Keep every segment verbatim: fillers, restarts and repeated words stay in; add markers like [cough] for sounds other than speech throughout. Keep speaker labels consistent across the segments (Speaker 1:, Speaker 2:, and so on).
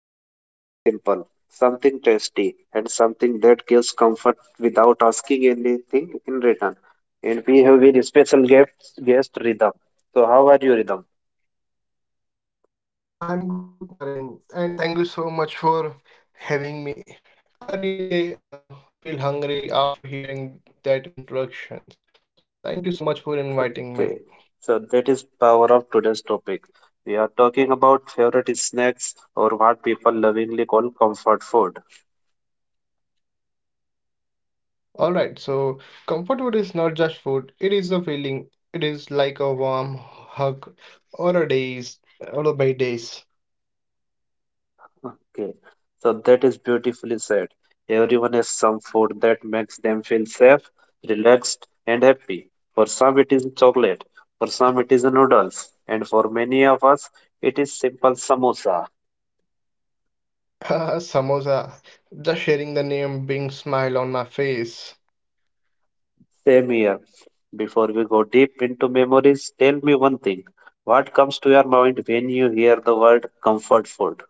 Speaker 1: about something simple, something tasty, and something that gives comfort without asking anything in return. And we have very special guest, guest Rhythm. So how are you, Rhythm?
Speaker 2: I'm good, Naren, and thank you so much for having me. I really uh, feel hungry after hearing that introduction. So thank you so much for inviting me.
Speaker 1: Okay, so that is power of today's topic. We are talking about favorite snacks or what people lovingly call comfort food.
Speaker 2: All right, so comfort food is not just food, it is a feeling. It is like a warm hug or a days, all by days.
Speaker 1: Okay, so that is beautifully said. Everyone has some food that makes them feel safe, relaxed, and happy. For some, it is chocolate, for some, it is noodles, and for many of us, it is simple samosa.
Speaker 2: [laughs] Samosa, just sharing the name brings smile on my face.
Speaker 1: Same here. Before we go deep into memories, tell me one thing. What comes to your mind when you hear the word comfort food?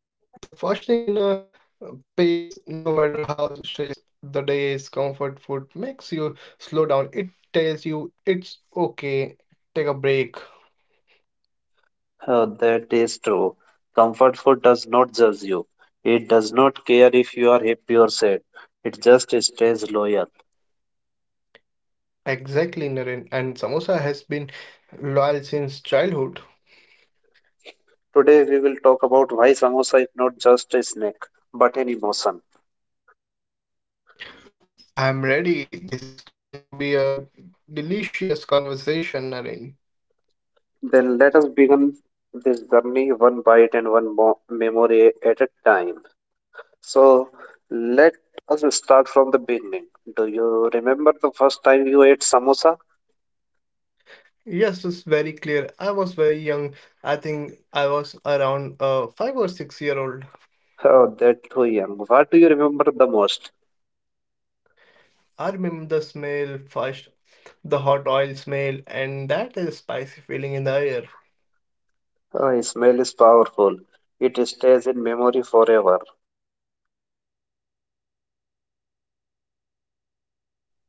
Speaker 2: The first thing in a uh, pace, no matter how stressed the day is, comfort food makes you slow down. It tells you it's okay, take a break.
Speaker 1: Uh, that is true. Comfort food does not judge you. It does not care if you are happy or sad. It just stays loyal.
Speaker 2: Exactly, Naren. And samosa has been loyal since childhood.
Speaker 1: Today we will talk about why samosa is not just a snack but an emotion.
Speaker 2: I'm ready. This is going to be a delicious conversation, Naren.
Speaker 1: Then let us begin this journey one bite and one mo- memory at a time. So let us start from the beginning. Do you remember the first time you ate samosa?
Speaker 2: Yes, it's very clear. I was very young. I think I was around uh, five or six year old.
Speaker 1: Oh, that too young. What do you remember the most?
Speaker 2: I remember the smell first, the hot oil smell, and that is spicy feeling in the air.
Speaker 1: Oh, smell is powerful. It stays in memory forever.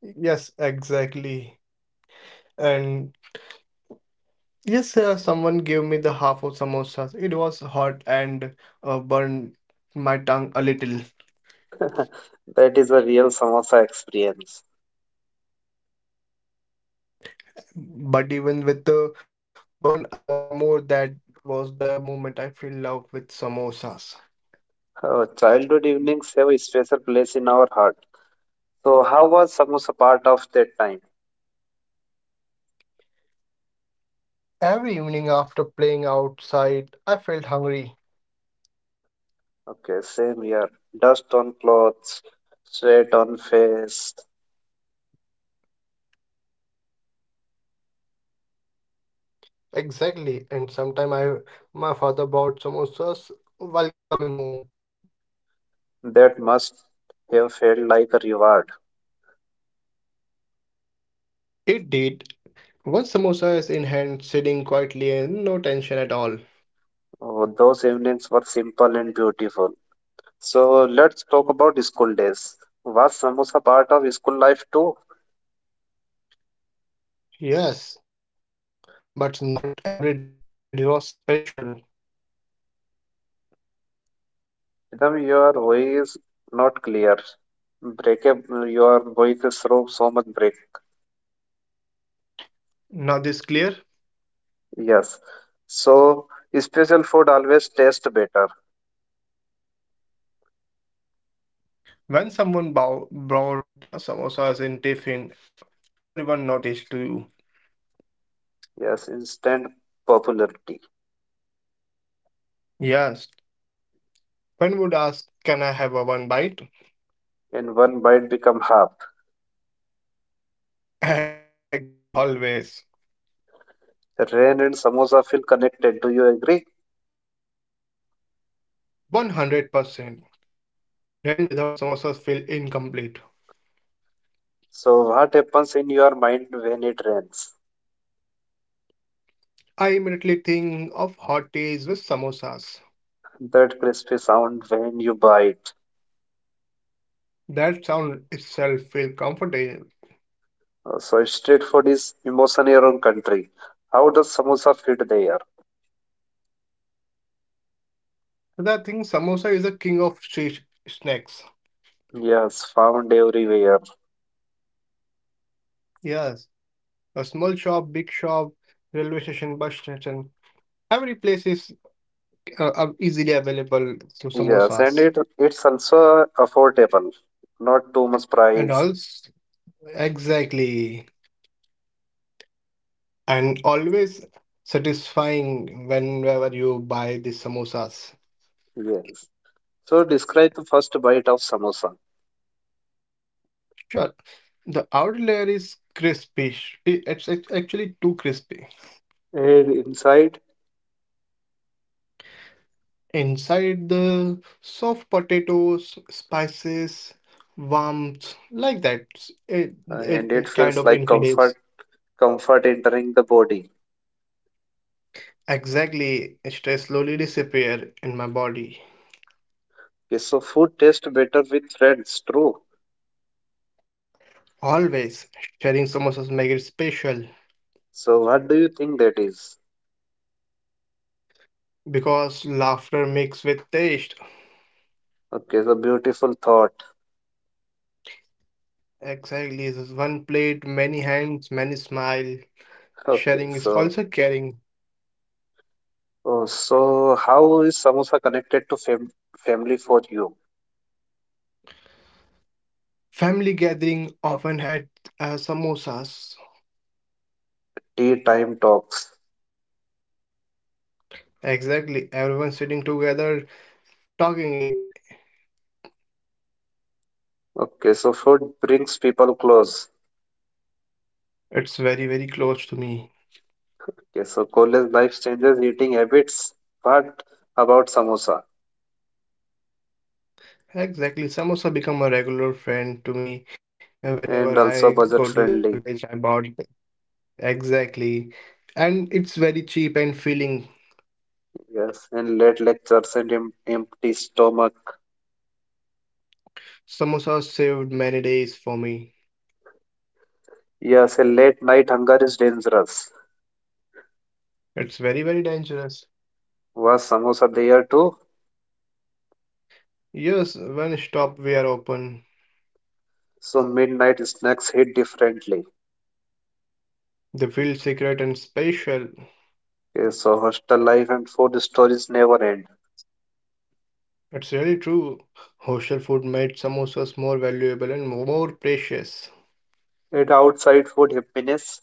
Speaker 2: Yes, exactly. And yes, uh, someone gave me the half of samosas. It was hot and uh, burned my tongue a little.
Speaker 1: [laughs] That is a real samosa experience.
Speaker 2: But even with the burn, I want more. That was the moment I fell in love with samosas.
Speaker 1: Oh, childhood evenings have a special place in our heart. So, how was samosa part of that time?
Speaker 2: Every evening after playing outside, I felt hungry.
Speaker 1: Okay, same here. Dust on clothes, sweat on face.
Speaker 2: Exactly. And sometime I, my father bought samosas while coming home.
Speaker 1: That must have felt like a reward.
Speaker 2: It did. One samosa is in hand, sitting quietly and no tension at all.
Speaker 1: Oh, those evenings were simple and beautiful. So, let's talk about school days. Was samosa part of school life too?
Speaker 2: Yes, but not every day. It was special.
Speaker 1: Rhythm, your voice not clear. Break up your voice is so, so much break.
Speaker 2: Now this clear?
Speaker 1: Yes. So special food always taste better.
Speaker 2: When someone bow- brought a samosas in tiffin, everyone noticed too.
Speaker 1: Yes, instant popularity.
Speaker 2: Yes, one would ask, "Can I have a one bite?"
Speaker 1: And one bite become half.
Speaker 2: [laughs] Exactly, always.
Speaker 1: Rain and samosa feel connected. Do you agree?
Speaker 2: one hundred percent. Rain without samosas feel incomplete.
Speaker 1: So what happens in your mind when it rains?
Speaker 2: I immediately think of hot teas with samosas.
Speaker 1: That crispy sound when you bite.
Speaker 2: That sound itself feels comforting.
Speaker 1: Uh, So street food is emotion in your own country. How does samosa fit there?
Speaker 2: But I think samosa is a king of street snacks.
Speaker 1: Yes, found everywhere.
Speaker 2: Yes, a small shop, big shop, railway station, bus station, every place is uh, uh, easily available to
Speaker 1: Yes, and
Speaker 2: samosas.
Speaker 1: it it's also affordable, not too much
Speaker 2: And
Speaker 1: price.
Speaker 2: also, exactly, and always satisfying whenever you buy the samosas.
Speaker 1: Yes. So describe the first bite of samosa.
Speaker 2: Sure, the outer layer is crispy. Sh- It- It's, it's actually too crispy.
Speaker 1: And inside,
Speaker 2: Inside the soft potatoes, spices, warmth, like that. s- It,
Speaker 1: uh,
Speaker 2: it,
Speaker 1: and it
Speaker 2: it kind
Speaker 1: feels
Speaker 2: of
Speaker 1: like comfort,
Speaker 2: increases.
Speaker 1: comfort entering the body.
Speaker 2: Exactly, stress slowly disappear in my body.
Speaker 1: Okay, so food tastes better with friends, true.
Speaker 2: Always sharing samosas make it special
Speaker 1: So what do you think that is?
Speaker 2: because laughter mixed with taste.
Speaker 1: Okay, so beautiful thought. [laughs]
Speaker 2: Exactly, this is one plate, many hands, many smile.
Speaker 1: Okay,
Speaker 2: Sharing is
Speaker 1: so
Speaker 2: also caring.
Speaker 1: oh, so how is samosa connected to fam family for you?
Speaker 2: Family gathering often had uh, samosas.
Speaker 1: Tea time talks.
Speaker 2: Exactly, everyone sitting together talking it,
Speaker 1: Okay, so food brings people close.
Speaker 2: it's very, very close to me.
Speaker 1: Okay, so Kohli's life changes eating habits, but about samosa
Speaker 2: Exactly. Samosa become a regular friend to me, uh, whenever
Speaker 1: and
Speaker 2: I
Speaker 1: also
Speaker 2: go to
Speaker 1: budget
Speaker 2: the college.
Speaker 1: friendly.
Speaker 2: I bought it. Exactly, and it's very cheap and filling.
Speaker 1: Yes, and late lectures and em- empty stomach.
Speaker 2: Samosa saved many days for me.
Speaker 1: Yes, a late night hunger is dangerous.
Speaker 2: It's very, very dangerous.
Speaker 1: Was samosa there too?
Speaker 2: Yes, when stop we are open,
Speaker 1: So midnight snacks hit differently.
Speaker 2: they feel secret and special.
Speaker 1: Okay, so hostel life and food stories never end.
Speaker 2: It's really true. Hostel food made samosas more valuable and more precious.
Speaker 1: And outside food happiness.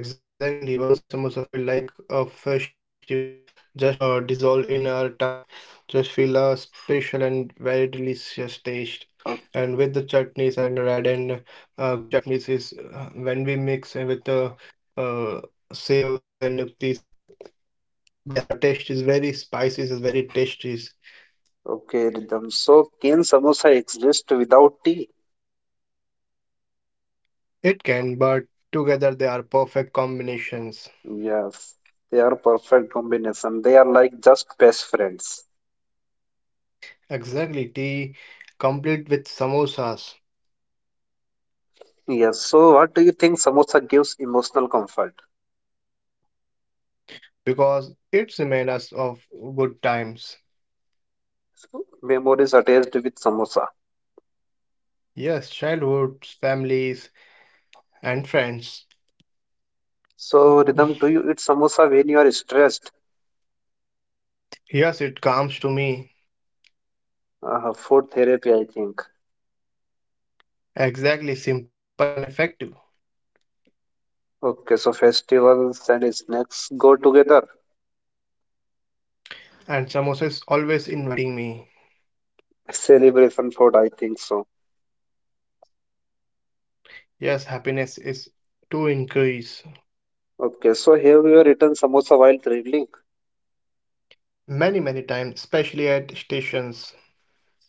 Speaker 2: Exactly, one samosa feel like a festival, just uh, dissolve in our tongue, just feel a special and very delicious taste.
Speaker 1: O-
Speaker 2: And with the chutneys and red and uh, green chutneys is, uh, when we mix it with the uh, saves and nuktis, their taste is very spicy, is very tasty.
Speaker 1: Okay, rhythm. So can samosa exist without tea?
Speaker 2: It can, but together they are perfect combinations.
Speaker 1: Yes, they are perfect combination. They are like just best friends.
Speaker 2: Exactly, tea complete with samosas.
Speaker 1: Yes, so what do you think samosa gives emotional comfort?
Speaker 2: Because it reminds us of good times.
Speaker 1: So, memories attached with samosa.
Speaker 2: Yes, childhoods, families, and friends.
Speaker 1: So, Rhythm, do you eat samosa when you are stressed?
Speaker 2: Yes, it comes to me.
Speaker 1: Uh, food therapy, I think.
Speaker 2: Exactly, simple and effective.
Speaker 1: Okay, so festivals and snacks go together.
Speaker 2: And samosa is always inviting me.
Speaker 1: [laughs] Celebration food, I think so.
Speaker 2: Yes, happiness is to increase.
Speaker 1: Okay, so have you eaten samosa while traveling?
Speaker 2: Many, many times, especially at stations,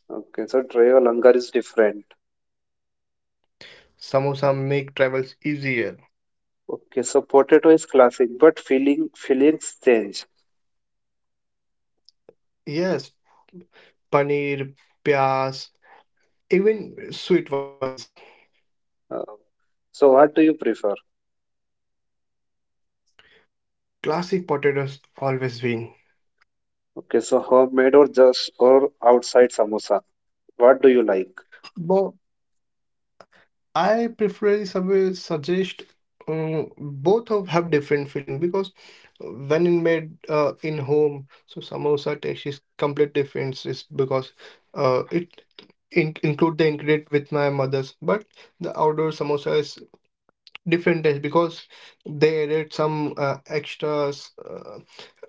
Speaker 1: Okay, so travel hunger is different.
Speaker 2: samosa make travels easier.
Speaker 1: Okay, so potato is classic, but feeling feelings change.
Speaker 2: Yes, paneer, pyas, even sweet ones.
Speaker 1: Uh, So what do you prefer?
Speaker 2: Classic potatoes always win.
Speaker 1: Okay, so homemade or just or outside samosa? What do you like?
Speaker 2: Bo I preferably sub- suggest uh, both of have different feeling because uh, when it made uh, in home, so samosa taste is complete difference is because uh, it in- include the ingredient with my mother's, but the outdoor samosa is different taste because they added some uh, extras uh,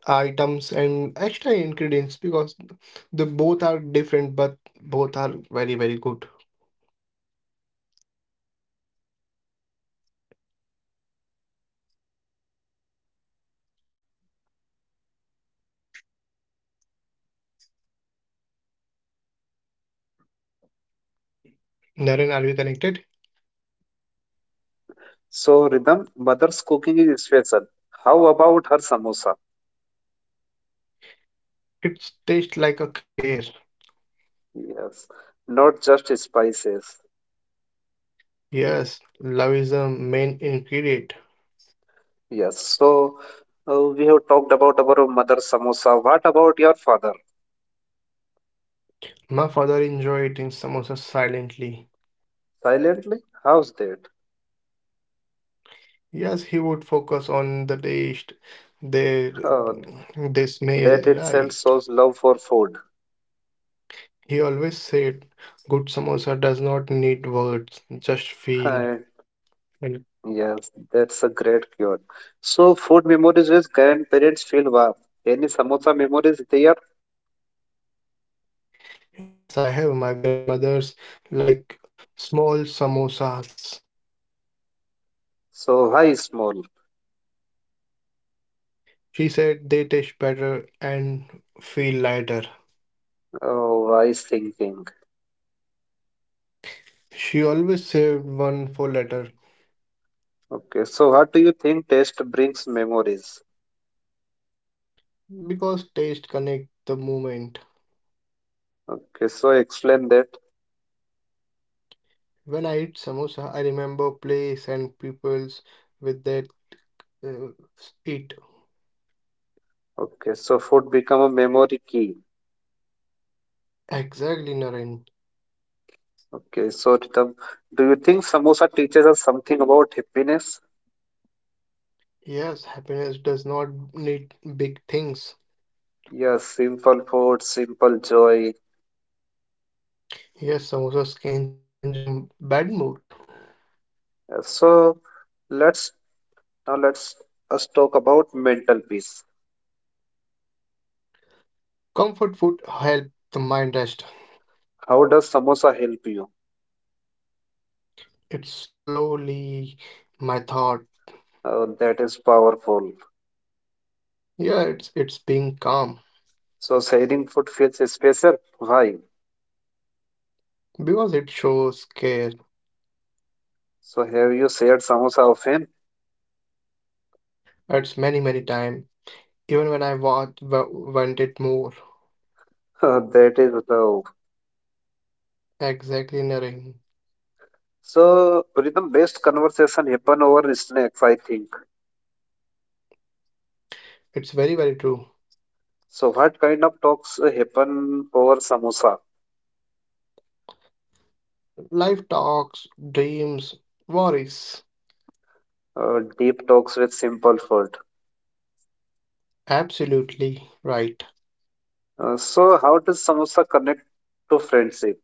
Speaker 2: items and extra ingredients because the both are different but both are very very good. Naren, are we connected?
Speaker 1: So Rhythm, mother's cooking is special. How about her samosa?
Speaker 2: It tastes like a care.
Speaker 1: Yes, not just spices.
Speaker 2: Yes, love is the main ingredient.
Speaker 1: Yes, so uh, we have talked about our mother's samosa. What about your father?
Speaker 2: My father enjoyed eating samosas silently.
Speaker 1: Silently? How's that?
Speaker 2: Yes, he would focus on the taste, their
Speaker 1: Oh,
Speaker 2: the
Speaker 1: that
Speaker 2: smell,
Speaker 1: itself
Speaker 2: right?
Speaker 1: shows love for food. [laughs]
Speaker 2: He always said, "Good samosa does not need words, just feel."
Speaker 1: And
Speaker 2: And
Speaker 1: yes, that's a great cure. So food memories with grandparents feel warm. Any samosa memories they are
Speaker 2: yes, I have my grandmother's like small samosas.
Speaker 1: so, hi, small.
Speaker 2: She said they taste better and feel lighter.
Speaker 1: Oh, wise thinking.
Speaker 2: She always saved one for later.
Speaker 1: Okay, so what do you think taste brings memories?
Speaker 2: Because taste connect the moment.
Speaker 1: Okay, so explain that.
Speaker 2: When I eat samosa, I remember place and peoples with that uh, eat.
Speaker 1: Okay, so food become a memory key.
Speaker 2: Exactly, Naren.
Speaker 1: Okay, so Ritam, do you think samosa teaches us something about happiness?
Speaker 2: Yes, happiness does not need big things.
Speaker 1: Yes, simple food, simple joy.
Speaker 2: Yes, samosas can change a m- bad mood.
Speaker 1: Yes, so let's now let's us talk about mental peace.
Speaker 2: Comfort food help the mind rest.
Speaker 1: How does samosa help you?
Speaker 2: It's slowly my thought.
Speaker 1: Oh, that is powerful.
Speaker 2: Yeah, it's it's being calm
Speaker 1: So sharing food feels special. Why?
Speaker 2: because it shows care.
Speaker 1: So have you shared samosa often?
Speaker 2: It's many many time. Even when I want wa- wanted more.
Speaker 1: [laughs] That is love.
Speaker 2: Exactly, Naren.
Speaker 1: So rhythm based conversation happen over snacks, I think.
Speaker 2: It's very, very true.
Speaker 1: So what kind of talks uh, happen over samosa?
Speaker 2: Life talks, dreams, worries.
Speaker 1: Uh, deep talks with simple food.
Speaker 2: Absolutely right.
Speaker 1: Uh, so how does samosa connect to friendship?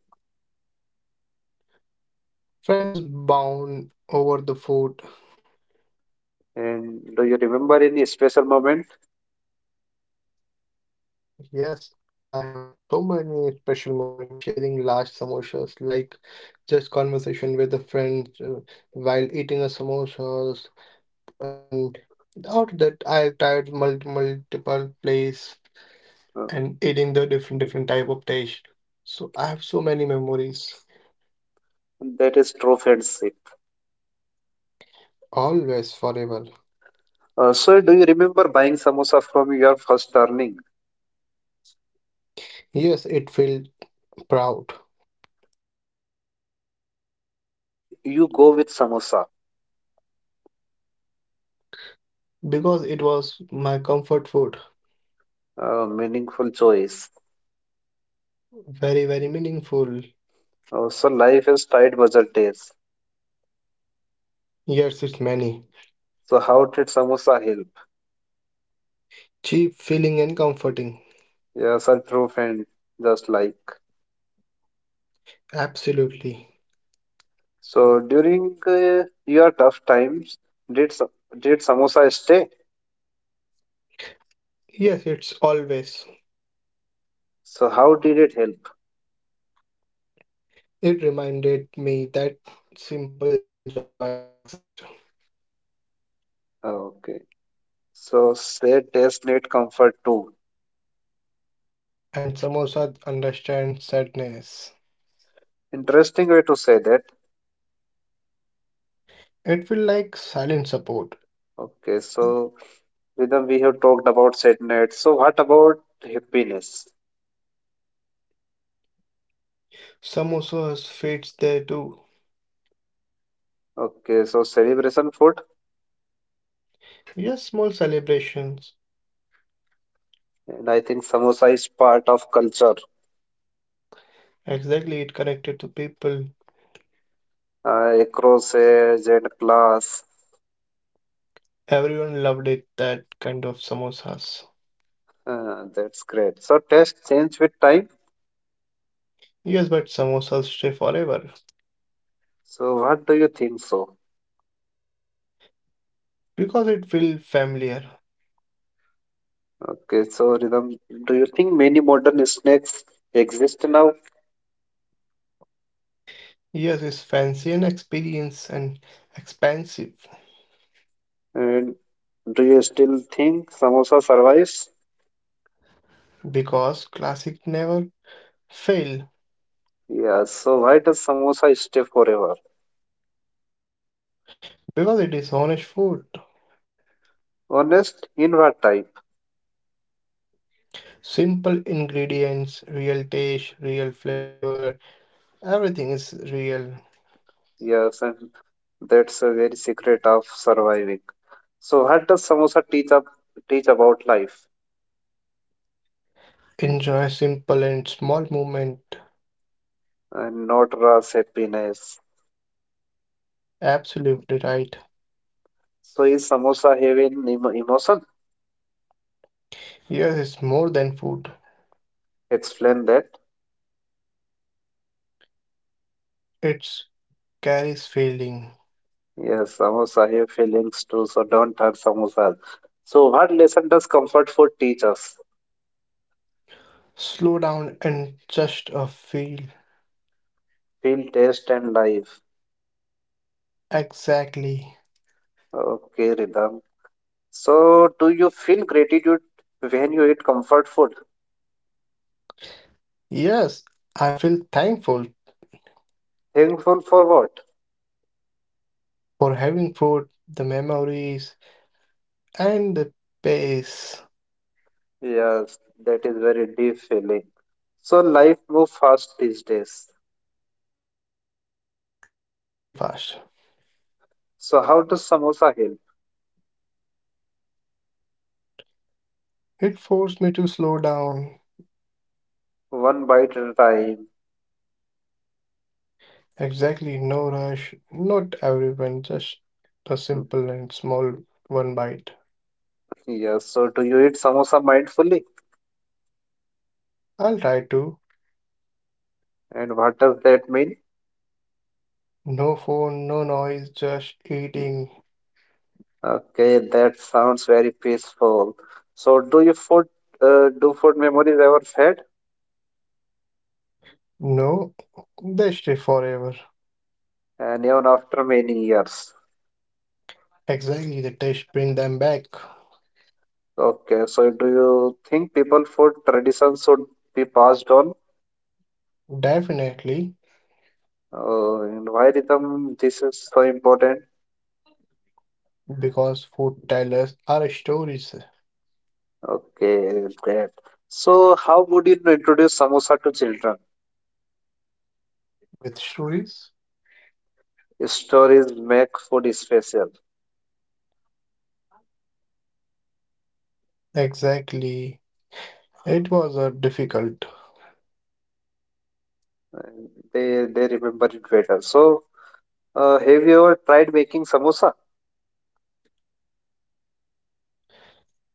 Speaker 2: Friends bound over the food.
Speaker 1: And do you remember any special moment?
Speaker 2: Yes, I have so many special moments sharing large samosas, like just conversation with a friend uh, while eating a samosas, and out that I tried multi multiple place
Speaker 1: Uh,
Speaker 2: and eating the different different type of dish. So I have so many memories.
Speaker 1: that is true friendship.
Speaker 2: Always forever.
Speaker 1: Uh, so do you remember buying samosa from your first earning?
Speaker 2: Yes, it felt proud
Speaker 1: So why you go with samosa?
Speaker 2: because it was my comfort food.
Speaker 1: Uh, meaningful choice.
Speaker 2: Very, very meaningful.
Speaker 1: Oh, so life is tight budget taste.
Speaker 2: Yes, it's many.
Speaker 1: So how did samosa help?
Speaker 2: Cheap, feeling, and comforting.
Speaker 1: Yes, a true friend, just like.
Speaker 2: Absolutely.
Speaker 1: So during uh, your tough times, did sa- did samosa stay?
Speaker 2: Yes, it's always.
Speaker 1: So how did it help?
Speaker 2: It reminded me that simple joy exists
Speaker 1: Ah, okay. So say taste need comfort too.
Speaker 2: and samosa understands sadness.
Speaker 1: Interesting way to say that.
Speaker 2: It felt like silent support.
Speaker 1: Okay. So Rhythm, we have talked about sadness. So what about happiness?
Speaker 2: Samosas fits there too.
Speaker 1: Okay. So celebration food,
Speaker 2: Yes, small celebrations.
Speaker 1: and I think samosa is part of culture.
Speaker 2: Exactly, it connected to people.
Speaker 1: Uh, across age and class.
Speaker 2: Everyone loved it, that kind of samosas.
Speaker 1: Uh, that's great. So tastes change with time.
Speaker 2: Yes, but samosas stay forever
Speaker 1: So what do you think so?
Speaker 2: because it feels familiar.
Speaker 1: Okay, so Rhythm, do you think many modern snacks exist now?
Speaker 2: Yes, it's fancy and experience and expensive
Speaker 1: And do you still think samosa survives?
Speaker 2: because classic never fail
Speaker 1: Yes. So why does samosa stay forever?
Speaker 2: because it is honest food.
Speaker 1: Honest, in what type?
Speaker 2: Simple ingredients, real taste, real flavor, everything is real.
Speaker 1: Yes, and that's a very secret of surviving. So what does samosa teach up teach about life
Speaker 2: Enjoy simple and small moment.
Speaker 1: and not raw happiness?
Speaker 2: Absolutely right.
Speaker 1: So is samosa having emo- emotion?
Speaker 2: Yes, it's more than food.
Speaker 1: Explain that.
Speaker 2: It carries feeling.
Speaker 1: Yes, samosa have feelings too, so don't hurt samosas. So what lesson does comfort food teach us?
Speaker 2: Slow down and just uh, feel.
Speaker 1: Feel, taste, and life.
Speaker 2: Exactly.
Speaker 1: Okay, Ridham. So do you feel gratitude when you eat comfort food?
Speaker 2: Yes, I feel thankful
Speaker 1: Thankful for what?
Speaker 2: for having food, the memories, and the pace.
Speaker 1: Yes, that is very deep feeling. So life move fast these days.
Speaker 2: It's too very fast.
Speaker 1: So how does samosa help?
Speaker 2: It forced me to slow down.
Speaker 1: One bite at a time.
Speaker 2: Exactly, no rush. Not everyone, just a simple and small one bite.
Speaker 1: Yes. So do you eat samosa mindfully?
Speaker 2: I'll try to.
Speaker 1: And what does that mean?
Speaker 2: No phone, no noise, just eating.
Speaker 1: Okay, that sounds very peaceful. So, do you food uh, do food memories ever fade?
Speaker 2: No, they stay forever.
Speaker 1: And even after many years.
Speaker 2: Exactly, the taste bring them back.
Speaker 1: Okay, so do you think people food traditions should be passed on?
Speaker 2: Definitely,
Speaker 1: Uh, and why rhythm this is so important?
Speaker 2: because food tellers are stories
Speaker 1: Okay, great. So, how would you introduce samosa to children?
Speaker 2: with stories.
Speaker 1: Stories make food special.
Speaker 2: Exactly. It was a difficult.
Speaker 1: And They they remember it better. So, uh, have you ever tried making samosa?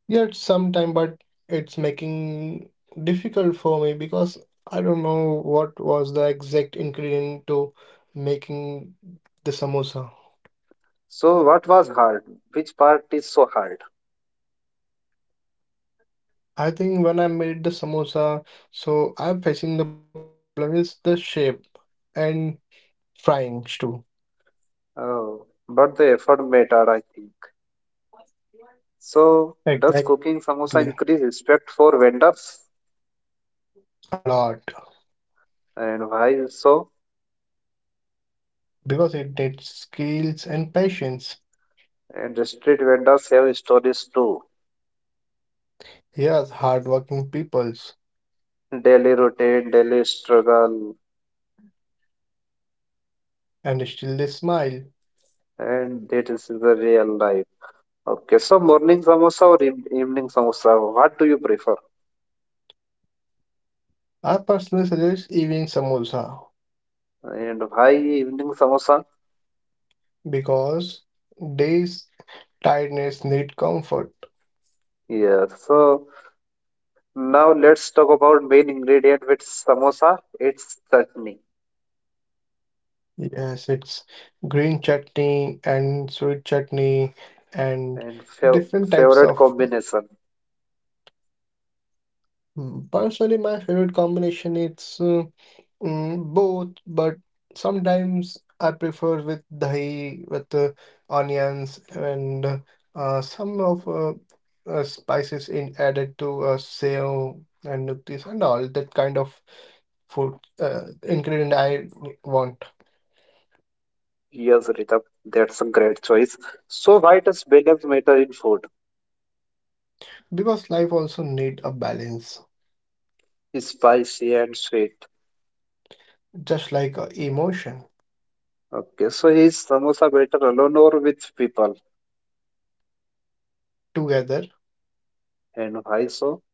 Speaker 2: Yet sometime, but it's making difficult for me because I don't know what was the exact ingredient to making the samosa.
Speaker 1: So what was hard? Which part is so hard?
Speaker 2: I think when I made the samosa, so I'm facing the problem is the shape and frying too.
Speaker 1: Oh, but the effort mattered, I think. So does
Speaker 2: Exactly.
Speaker 1: cooking samosa increase respect for vendors?
Speaker 2: A lot.
Speaker 1: And why so?
Speaker 2: Because it takes skills and patience.
Speaker 1: And the street vendors have stories too.
Speaker 2: Yes, hardworking peoples,
Speaker 1: Daily routine, daily struggle,
Speaker 2: and still they smile.
Speaker 1: and that is the real life. Okay, so morning samosa or eve- evening samosa? What do you prefer?
Speaker 2: I personally suggest evening samosa
Speaker 1: And why evening samosa?
Speaker 2: because day's tiredness need comfort.
Speaker 1: Yeah, so now let's talk about main ingredient with samosa. It's chutney.
Speaker 2: Yes, it's green chutney and sweet chutney and
Speaker 1: And fav
Speaker 2: different types
Speaker 1: favorite
Speaker 2: of.
Speaker 1: combination.
Speaker 2: Mm, Personally, my favorite combination it's uh, mm, both, but sometimes I prefer with dahi with uh, onions and uh, some of uh, uh, spices in added to uh, sev and this and all that kind of food uh, ingredient I want
Speaker 1: Yes, Ritam, that's a great choice. So why does balance matter in food?
Speaker 2: because life also need a balance,
Speaker 1: Spicy and sweet.
Speaker 2: just like uh, emotion
Speaker 1: Okay, so is samosa better alone or with people?
Speaker 2: together
Speaker 1: And why so?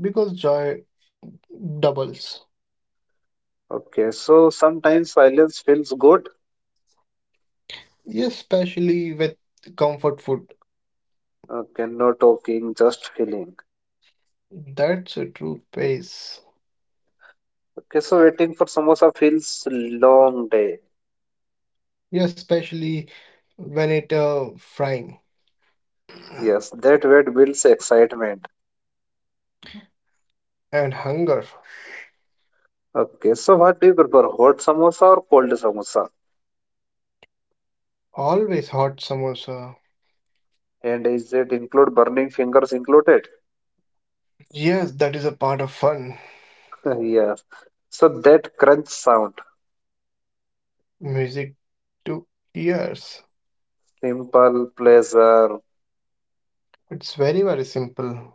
Speaker 2: because joy doubles.
Speaker 1: Okay, so sometimes silence feels good.
Speaker 2: Yes, especially with comfort food.
Speaker 1: Okay, no talking, just feeling.
Speaker 2: That's a true pace.
Speaker 1: Okay, so waiting for samosa feels long day.
Speaker 2: Yes, especially when it uh, frying
Speaker 1: Yes, that wait builds excitement.
Speaker 2: and hunger.
Speaker 1: Okay, so what do you prefer, hot samosa or cold samosa?
Speaker 2: Always hot samosa.
Speaker 1: And is it include burning fingers included?
Speaker 2: Yes, that is a part of fun.
Speaker 1: Uh, Yeah. So that crunch sound,
Speaker 2: Music to ears.
Speaker 1: simple pleasure.
Speaker 2: It's very, very simple.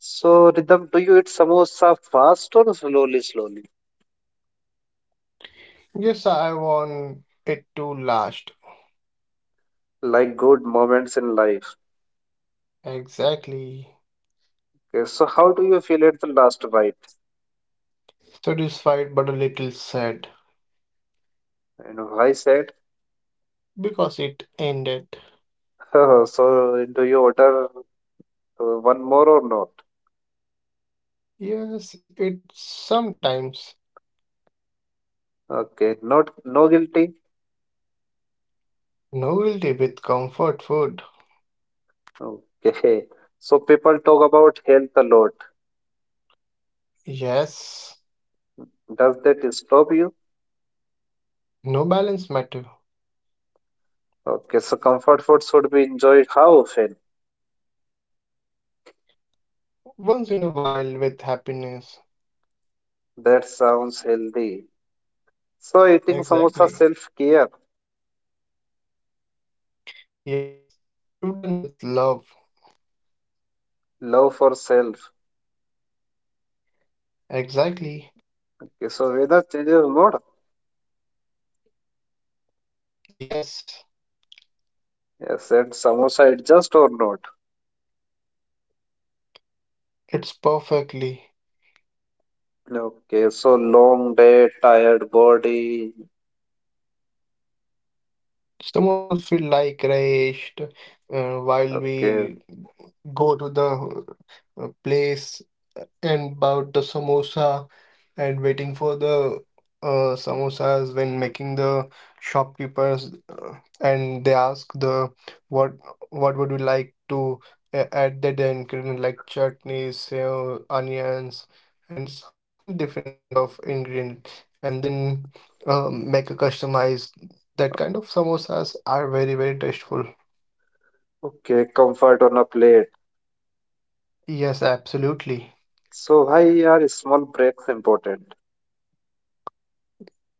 Speaker 1: So Rhythm, do you eat samosa fast or slowly, slowly?
Speaker 2: Yes, I want it to last.
Speaker 1: Like good moments in life.
Speaker 2: Exactly.
Speaker 1: Okay, so how do you feel at the last bite?
Speaker 2: Satisfied but a little sad
Speaker 1: And I said,
Speaker 2: because it ended.
Speaker 1: [laughs] so do you order uh, one more or not?
Speaker 2: Yes, it's sometimes
Speaker 1: Okay, not no guilty.
Speaker 2: novelty with comfort food.
Speaker 1: Okay. So people talk about health a lot.
Speaker 2: Yes,
Speaker 1: Does that stop you?
Speaker 2: no balance matter.
Speaker 1: Okay, so comfort food should be enjoyed how often?
Speaker 2: Once in a while with happiness.
Speaker 1: That sounds healthy. So eating
Speaker 2: Exactly.
Speaker 1: samosa self-care,
Speaker 2: Yes, you've done with love.
Speaker 1: love for self.
Speaker 2: Exactly.
Speaker 1: Okay, so weather changes or not?
Speaker 2: Yes,
Speaker 1: Yes, and samosa adjust or not?
Speaker 2: it's perfectly.
Speaker 1: Okay, so long day, tired body.
Speaker 2: Some of us feel like raged uh, while
Speaker 1: Okay,
Speaker 2: we go to the uh, place and about the samosa and waiting for the uh, samosas when making the shopkeepers, uh, and they ask the what what would you like to a- add that ingredient like chutneys, sev, onions and some different kinds of ingredient and then um, make a customized that kind of samosas are very very tasteful.
Speaker 1: okay, comfort on a plate.
Speaker 2: Yes, absolutely.
Speaker 1: So why are small breaks important?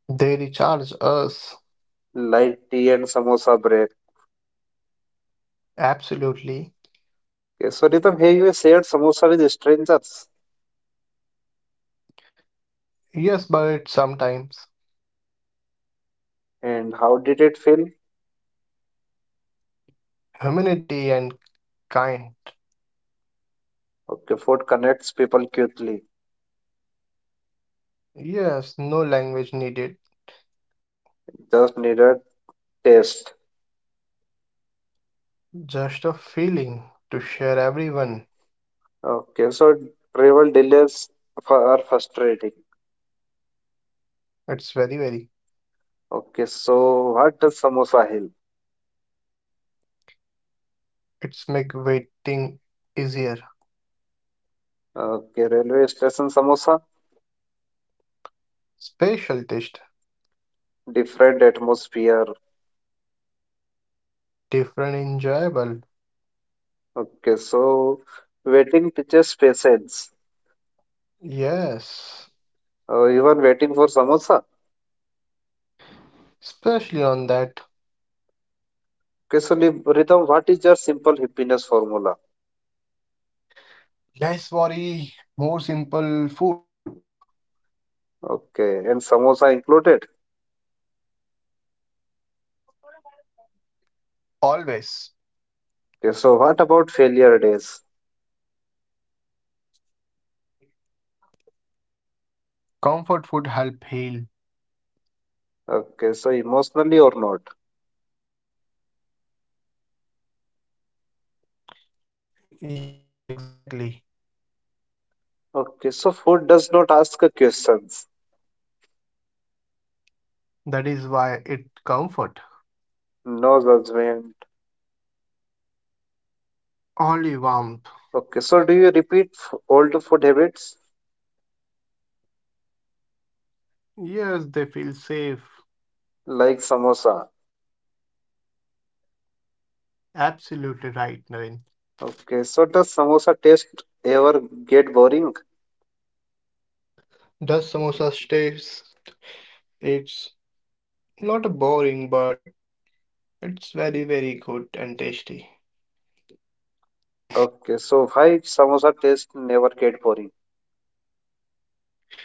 Speaker 2: They recharge us.
Speaker 1: Light tea and samosa break.
Speaker 2: Absolutely.
Speaker 1: Okay, so Ritam, have you shared samosa with strangers?
Speaker 2: Yes, but sometimes
Speaker 1: And how did it feel?
Speaker 2: humanity and kind.
Speaker 1: Okay, food connects people quickly.
Speaker 2: Yes, no language needed,
Speaker 1: Just needed taste.
Speaker 2: just a feeling to share everyone.
Speaker 1: Okay, so travel delays fu- are frustrating.
Speaker 2: It's very, very.
Speaker 1: Okay, so what does samosa help?
Speaker 2: It's make waiting easier.
Speaker 1: Okay, railway station samosa,
Speaker 2: Special taste,
Speaker 1: different atmosphere.
Speaker 2: different, enjoyable.
Speaker 1: Okay, so waiting teaches patience.
Speaker 2: Yes,
Speaker 1: Uh, even waiting for samosa.
Speaker 2: especially on that.
Speaker 1: Okay, so Nib- Ritam, what is your simple happiness formula?
Speaker 2: Less worry, more simple food.
Speaker 1: Okay, and samosa included.
Speaker 2: Always.
Speaker 1: Okay, so what about failure days?
Speaker 2: Comfort food help heal.
Speaker 1: Okay, so emotionally or not?
Speaker 2: Yes, exactly.
Speaker 1: Okay, so food does not ask a questions.
Speaker 2: That is why it comfort.
Speaker 1: No judgment.
Speaker 2: Only warmth.
Speaker 1: Okay, so do you repeat f- old food habits
Speaker 2: Yes, they feel safe.
Speaker 1: like samosa?
Speaker 2: Absolutely right, Naren.
Speaker 1: Okay, so does samosa taste ever get boring?
Speaker 2: The samosa stays? It's not boring, but it's very, very good and tasty.
Speaker 1: Okay, so why samosa taste never get boring?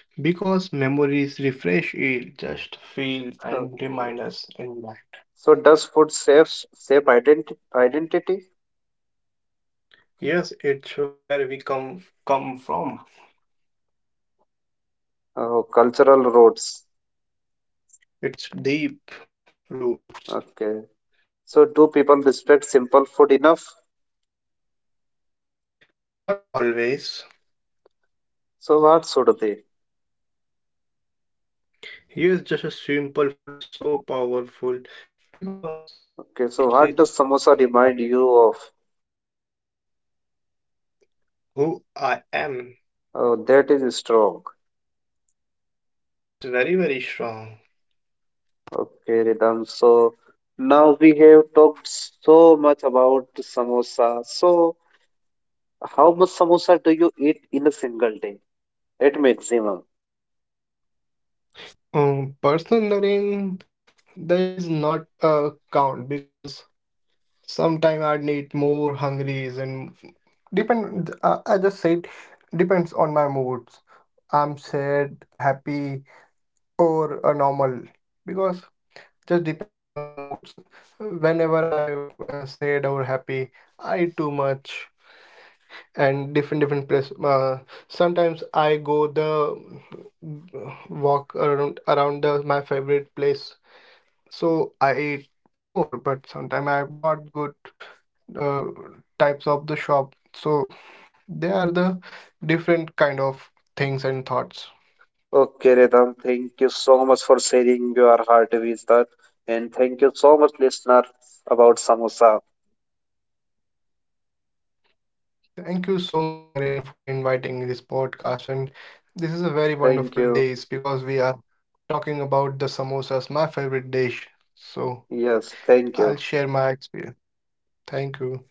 Speaker 2: Because memories refresh it, just feel and remind
Speaker 1: Okay,
Speaker 2: us in life.
Speaker 1: so does food shapes shape identi identity?
Speaker 2: Yes, it show where we come come from.
Speaker 1: Oh, cultural roots.
Speaker 2: It's deep roots.
Speaker 1: Okay, so do people respect simple food enough?
Speaker 2: Not always.
Speaker 1: So what should they?
Speaker 2: Yes, just a simple food is so powerful because the
Speaker 1: Okay,
Speaker 2: taste
Speaker 1: so what
Speaker 2: is
Speaker 1: does samosa
Speaker 2: matter.
Speaker 1: remind you of?
Speaker 2: Who I am.
Speaker 1: Oh, that is strong.
Speaker 2: It's very, very strong.
Speaker 1: Okay, Ridham. So now we have talked so much about samosa. So how much samosa do you eat in a single day at maximum?
Speaker 2: Um, personal again, there is not a count because sometime I need more hungries and depend. I, I just said depends on my moods. I'm sad, happy, or a normal because just depend on my moods. Whenever I uh, sad or happy, I eat too much. And different different place. Uh, sometimes I go the walk around around the my favorite place, so I eat more. But sometimes I'm not good uh, types of the shop. So they are the different kind of things and thoughts.
Speaker 1: Okay, Ridham. Thank you so much for sharing your heart with us, and thank you so much, listener, about samosa.
Speaker 2: Thank you so much, Naren, for inviting this podcast. And this is a very
Speaker 1: Thank
Speaker 2: wonderful
Speaker 1: you.
Speaker 2: day because we are talking about the samosas, my favorite dish. So
Speaker 1: Yes, thank
Speaker 2: I'll
Speaker 1: you.
Speaker 2: share my experience. Thank you.